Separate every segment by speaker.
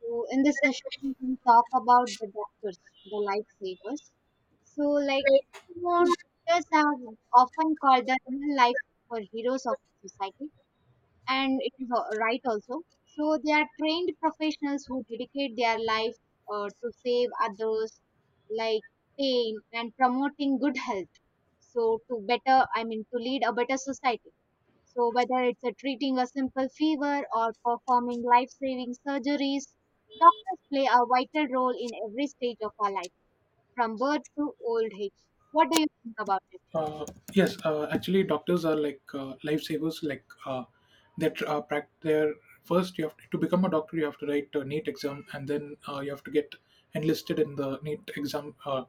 Speaker 1: So in this session, we can talk about the doctors, the lifesavers. So like, you know, doctors are often called the real life superheroes of society, and right also. So they are trained professionals who dedicate their life to save others, like pain and promoting good health. To lead a better society. So whether it's a treating a simple fever or performing life-saving surgeries, doctors play a vital role in every stage of our life, from birth to old age. What do you think about it?
Speaker 2: Uh, yes, actually, doctors are like lifesavers. Like their first, you have to, become a doctor, you have to write a NEET exam, and then you have to get enlisted in the NEET exam. Uh,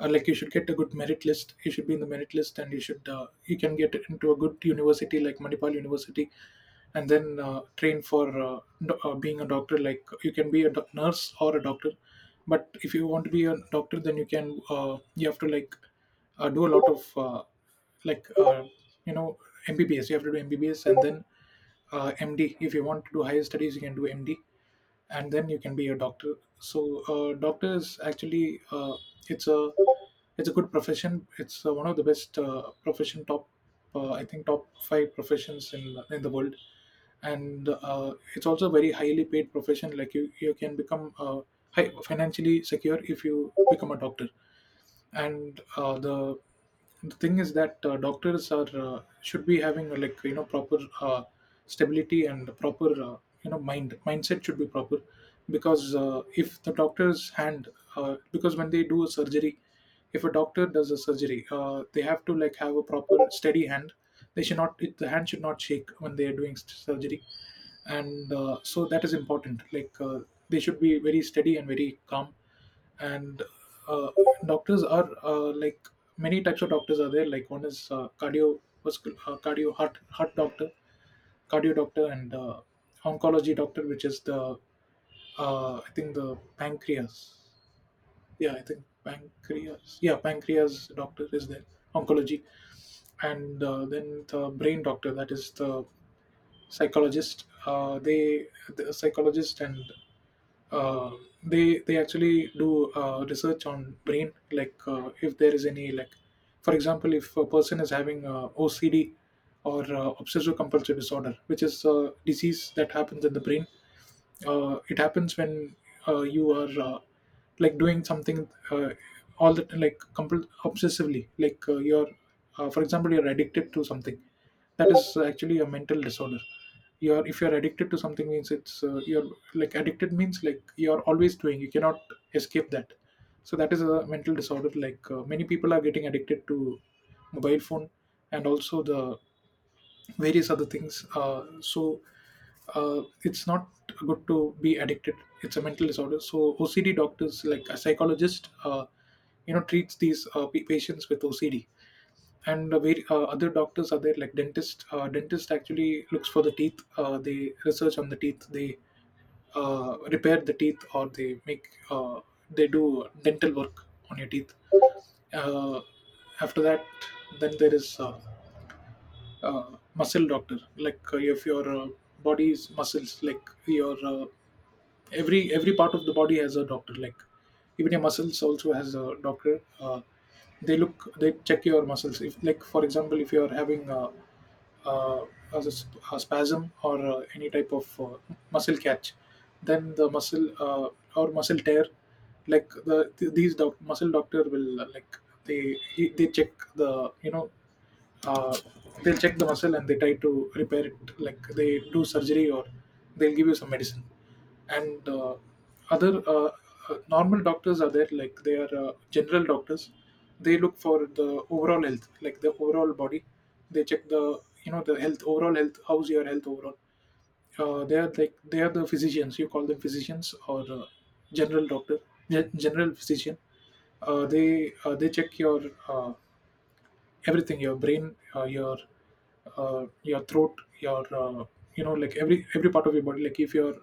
Speaker 2: uh, Like you should get a good merit list. You should be in the merit list, and you can get into a good university like Manipal University, and then train for being a doctor. Like you can be a nurse or a doctor, but if you want to be a doctor, then you have to, like, do a lot of, like, you know MBBS. You have to do MBBS and then MD. If you want to do higher studies, you can do MD, and then you can be a doctor. So, doctor is actually, it's a it's a good profession. It's one of the best, profession, top, I think top 5 professions in the world, and it's also a very highly paid profession. Like, you can become financially secure if you become a doctor, and the thing is that, doctors are should be having, like, proper, stability and proper, mindset should be proper, because, if the doctor's hand because when they do a surgery, if a doctor does a surgery they have to, like, have a proper steady hand. The hand should not shake when they are doing surgery, and so that is important, like, they should be very steady and very calm, and uh, doctors are like, many types of doctors are there. Like, one is, uh, cardio, heart doctor, cardio doctor, and oncology doctor, which is the, I think, the pancreas. Yeah, I think pancreas. Yeah, pancreas doctor is there. Oncology. And then the brain doctor, that is the psychologist. The psychologist. And uh, they actually do research on brain. Like, if there is any, like, for example, if a person is having OCD, or obsessive compulsive disorder, which is a disease that happens in the brain. It happens when, you are, like, doing something, all the, like, obsessively, like, you're for example, you're addicted to something. That is actually a mental disorder. You're If you're addicted to something, means it's, you're, like, addicted means, like, you're always doing, you cannot escape that. So that is a mental disorder. Like, many people are getting addicted to mobile phone, and also the various other things. So, it's not good to be addicted. It's a mental disorder, so OCD doctors, like a psychologist, treats these, patients with OCD, and the very, other doctors are there, like dentist. Dentist actually looks for the teeth. They research on the teeth. They repair the teeth, or they do dental work on your teeth. Uh, After that, then there is, muscle doctor. Like, if your body's muscles, like your, every part of the body has a doctor, like even your muscles also has a doctor. They check your muscles. If, like, for example, if you are having, uh a, s- a spasm or any type of muscle catch, then the muscle, or muscle tear, like muscle doctor will, like, they he, they check the you know uh, they'll check the muscle, and they try to repair it, like, they do surgery, or they'll give you some medicine, and other, normal doctors are there, like, they are general doctors. They look for the overall health, like the overall body, they check the, the health, overall health, how's your health overall. They are the physicians. You call them physicians, or general doctor, general physician. They check your, uh, everything, your brain, your, your throat, your, like, every part of your body. Like, if you're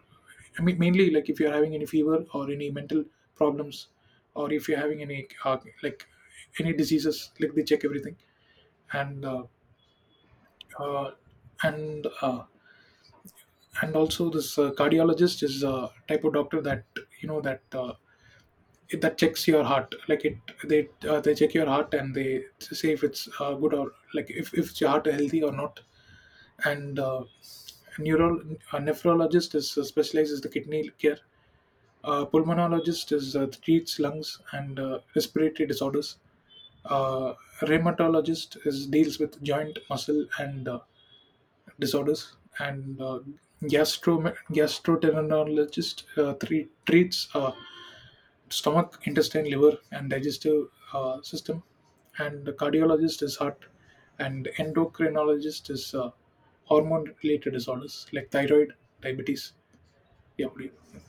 Speaker 2: I mean, mainly, like, if you're having any fever or any mental problems, or if you're having any, like, any diseases, like, they check everything, and uh, uh, and uh, and also this, cardiologist is a type of doctor that, that, that checks your heart, like it they check your heart and they say if it's, good, or like, if your heart is healthy or not. And neuro a nephrologist is specializes the kidney care. Pulmonologist is treats lungs and respiratory disorders. Uh, Rheumatologist is deals with joint, muscle, and disorders. And gastro gastroenterologist treats, stomach, intestine, liver, and digestive, system. And the cardiologist is heart, and endocrinologist is, hormone-related disorders like thyroid, diabetes. Yeah,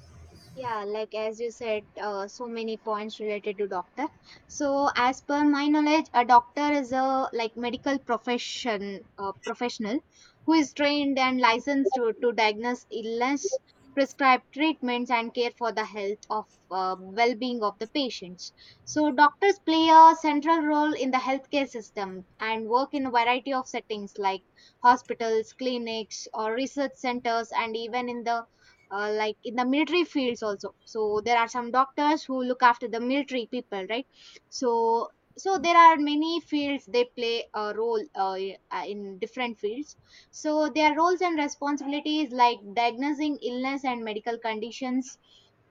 Speaker 1: Yeah, like as you said, so many points related to doctor. So as per my knowledge, a doctor is a like medical professional who is trained and licensed to diagnose illness, prescribe treatments, and care for the health of well-being of the patients. So doctors play a central role in the healthcare system and work in a variety of settings like hospitals, clinics, or research centers, and even in the like in the military fields also. So there are some doctors who look after the military people, right? So so there are many fields. They play a role in different fields. So their roles and responsibilities, like diagnosing illness and medical conditions,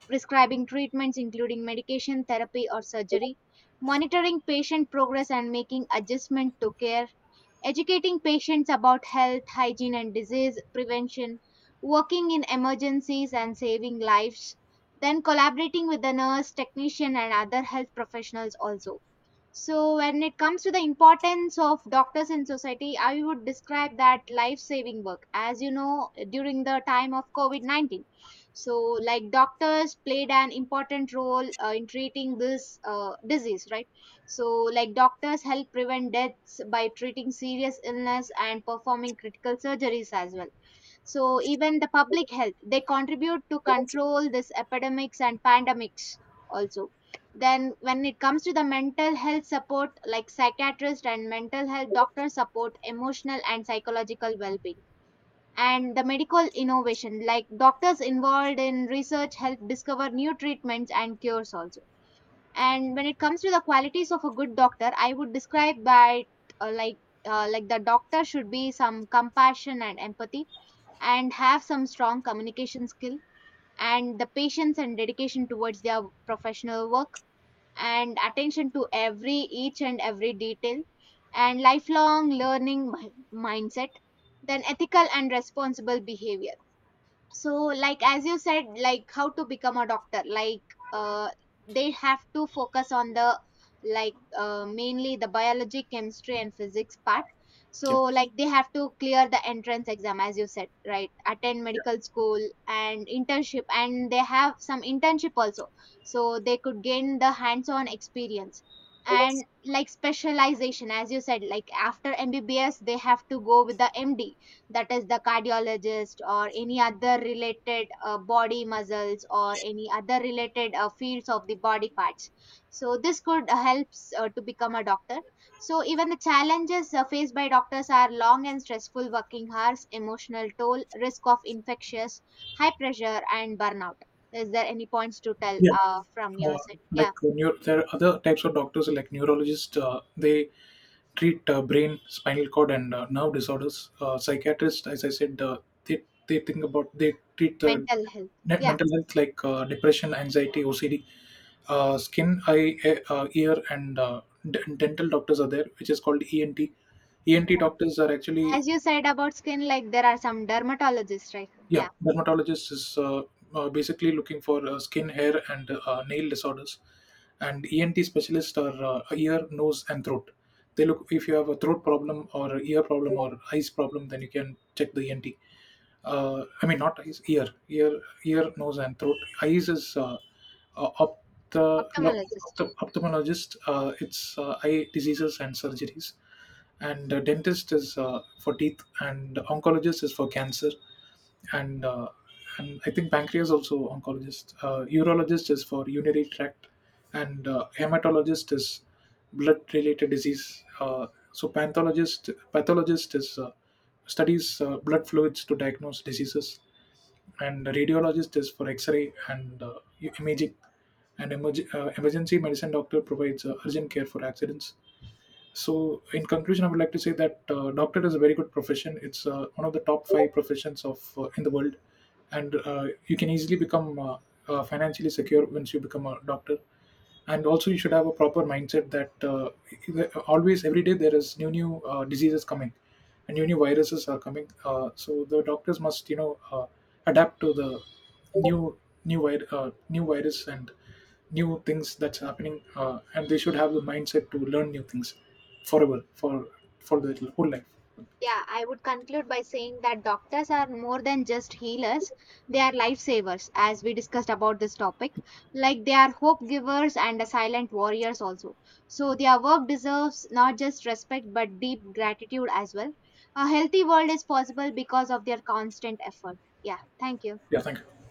Speaker 1: prescribing treatments including medication therapy or surgery, monitoring patient progress and making adjustment to care, educating patients about health, hygiene, and disease prevention, working in emergencies and saving lives, then collaborating with the nurse, technician, and other health professionals also. So when it comes to the importance of doctors in society, I would describe that life saving work, as you know, during the time of COVID 19. So like doctors played an important role in treating this disease, right? So like doctors help prevent deaths by treating serious illness and performing critical surgeries as well. So even the public health, they contribute to control this epidemics and pandemics also. Then when it comes to the mental health support, like psychiatrist and mental health doctors support emotional and psychological well-being. And the medical innovation, like doctors involved in research help discover new treatments and cures also. And when it comes to the qualities of a good doctor, I would describe by uh, like like the doctor should be some compassion and empathy, and have some strong communication skill, and the patience and dedication towards their professional work, and attention to every each and every detail, and lifelong learning mindset, then ethical and responsible behavior. So like as you said, like how to become a doctor, like uh, they have to focus on the mainly the biology, chemistry, and physics part. So
Speaker 2: yeah,
Speaker 1: like they have to clear the entrance exam, as you said, right? Attend
Speaker 2: yeah.
Speaker 1: medical school and internship, and they have some internship also, so they could gain the hands on experience. And like specialization, as you said, like after mbbs they have to go with the md, that is the cardiologist or any other related body muscles or any other related fields of the body parts. So this could helps to become a doctor. So even the challenges faced by doctors are long and stressful working hours, emotional toll, risk of infectious, high pressure, and burnout. Is there any points to tell
Speaker 2: Yeah.
Speaker 1: from your
Speaker 2: Uh,
Speaker 1: side? Yeah,
Speaker 2: like, there are other types of doctors, like neurologist. They treat, brain, spinal cord, and nerve disorders. Psychiatrists, as I said, they think about they treat the
Speaker 1: mental health. Yeah,
Speaker 2: mental health, like, depression, anxiety, OCD, skin, eye, ear, and dental doctors are there, which is called ENT. ENT doctors are actually,
Speaker 1: as you said about skin, like there are some dermatologists, right?
Speaker 2: yeah,
Speaker 1: Yeah.
Speaker 2: dermatologist is, basically looking for, skin, hair, and nail disorders, and ENT specialists are, ear, nose, and throat. They look if you have a throat problem or ear problem or eyes problem, then you can check the ENT. I mean, not eyes. Ear, nose, and throat. Eyes is, uh, ophthalmo-
Speaker 1: Ophthalmologist.
Speaker 2: ophthalmologist. It's, eye diseases and surgeries, and dentist is for teeth, and oncologist is for cancer, and uh, and I think pancreas also oncologist. Urologist is for urinary tract, and hematologist is blood-related disease. So, pathologist is studies, blood fluids to diagnose diseases, and radiologist is for X-ray and, imaging. And emergency medicine doctor provides, urgent care for accidents. So, in conclusion, I would like to say that, doctor is a very good profession. It's one of the top 5 professions of in the world, and you can easily become, financially secure once you become a doctor. And also, you should have a proper mindset that, always, every day, there is new diseases coming, and new viruses are coming. So the doctors must, adapt to the new new virus and new things that's happening, and they should have the mindset to learn new things forever, for their whole life.
Speaker 1: Yeah, I would conclude by saying that doctors are more than just healers. They are lifesavers, as we discussed about this topic. Like they are hope givers and a silent warriors also. So their work deserves not just respect but deep gratitude as well. A healthy world is possible because of their constant effort. Yeah, thank you.
Speaker 2: Yeah, thank you.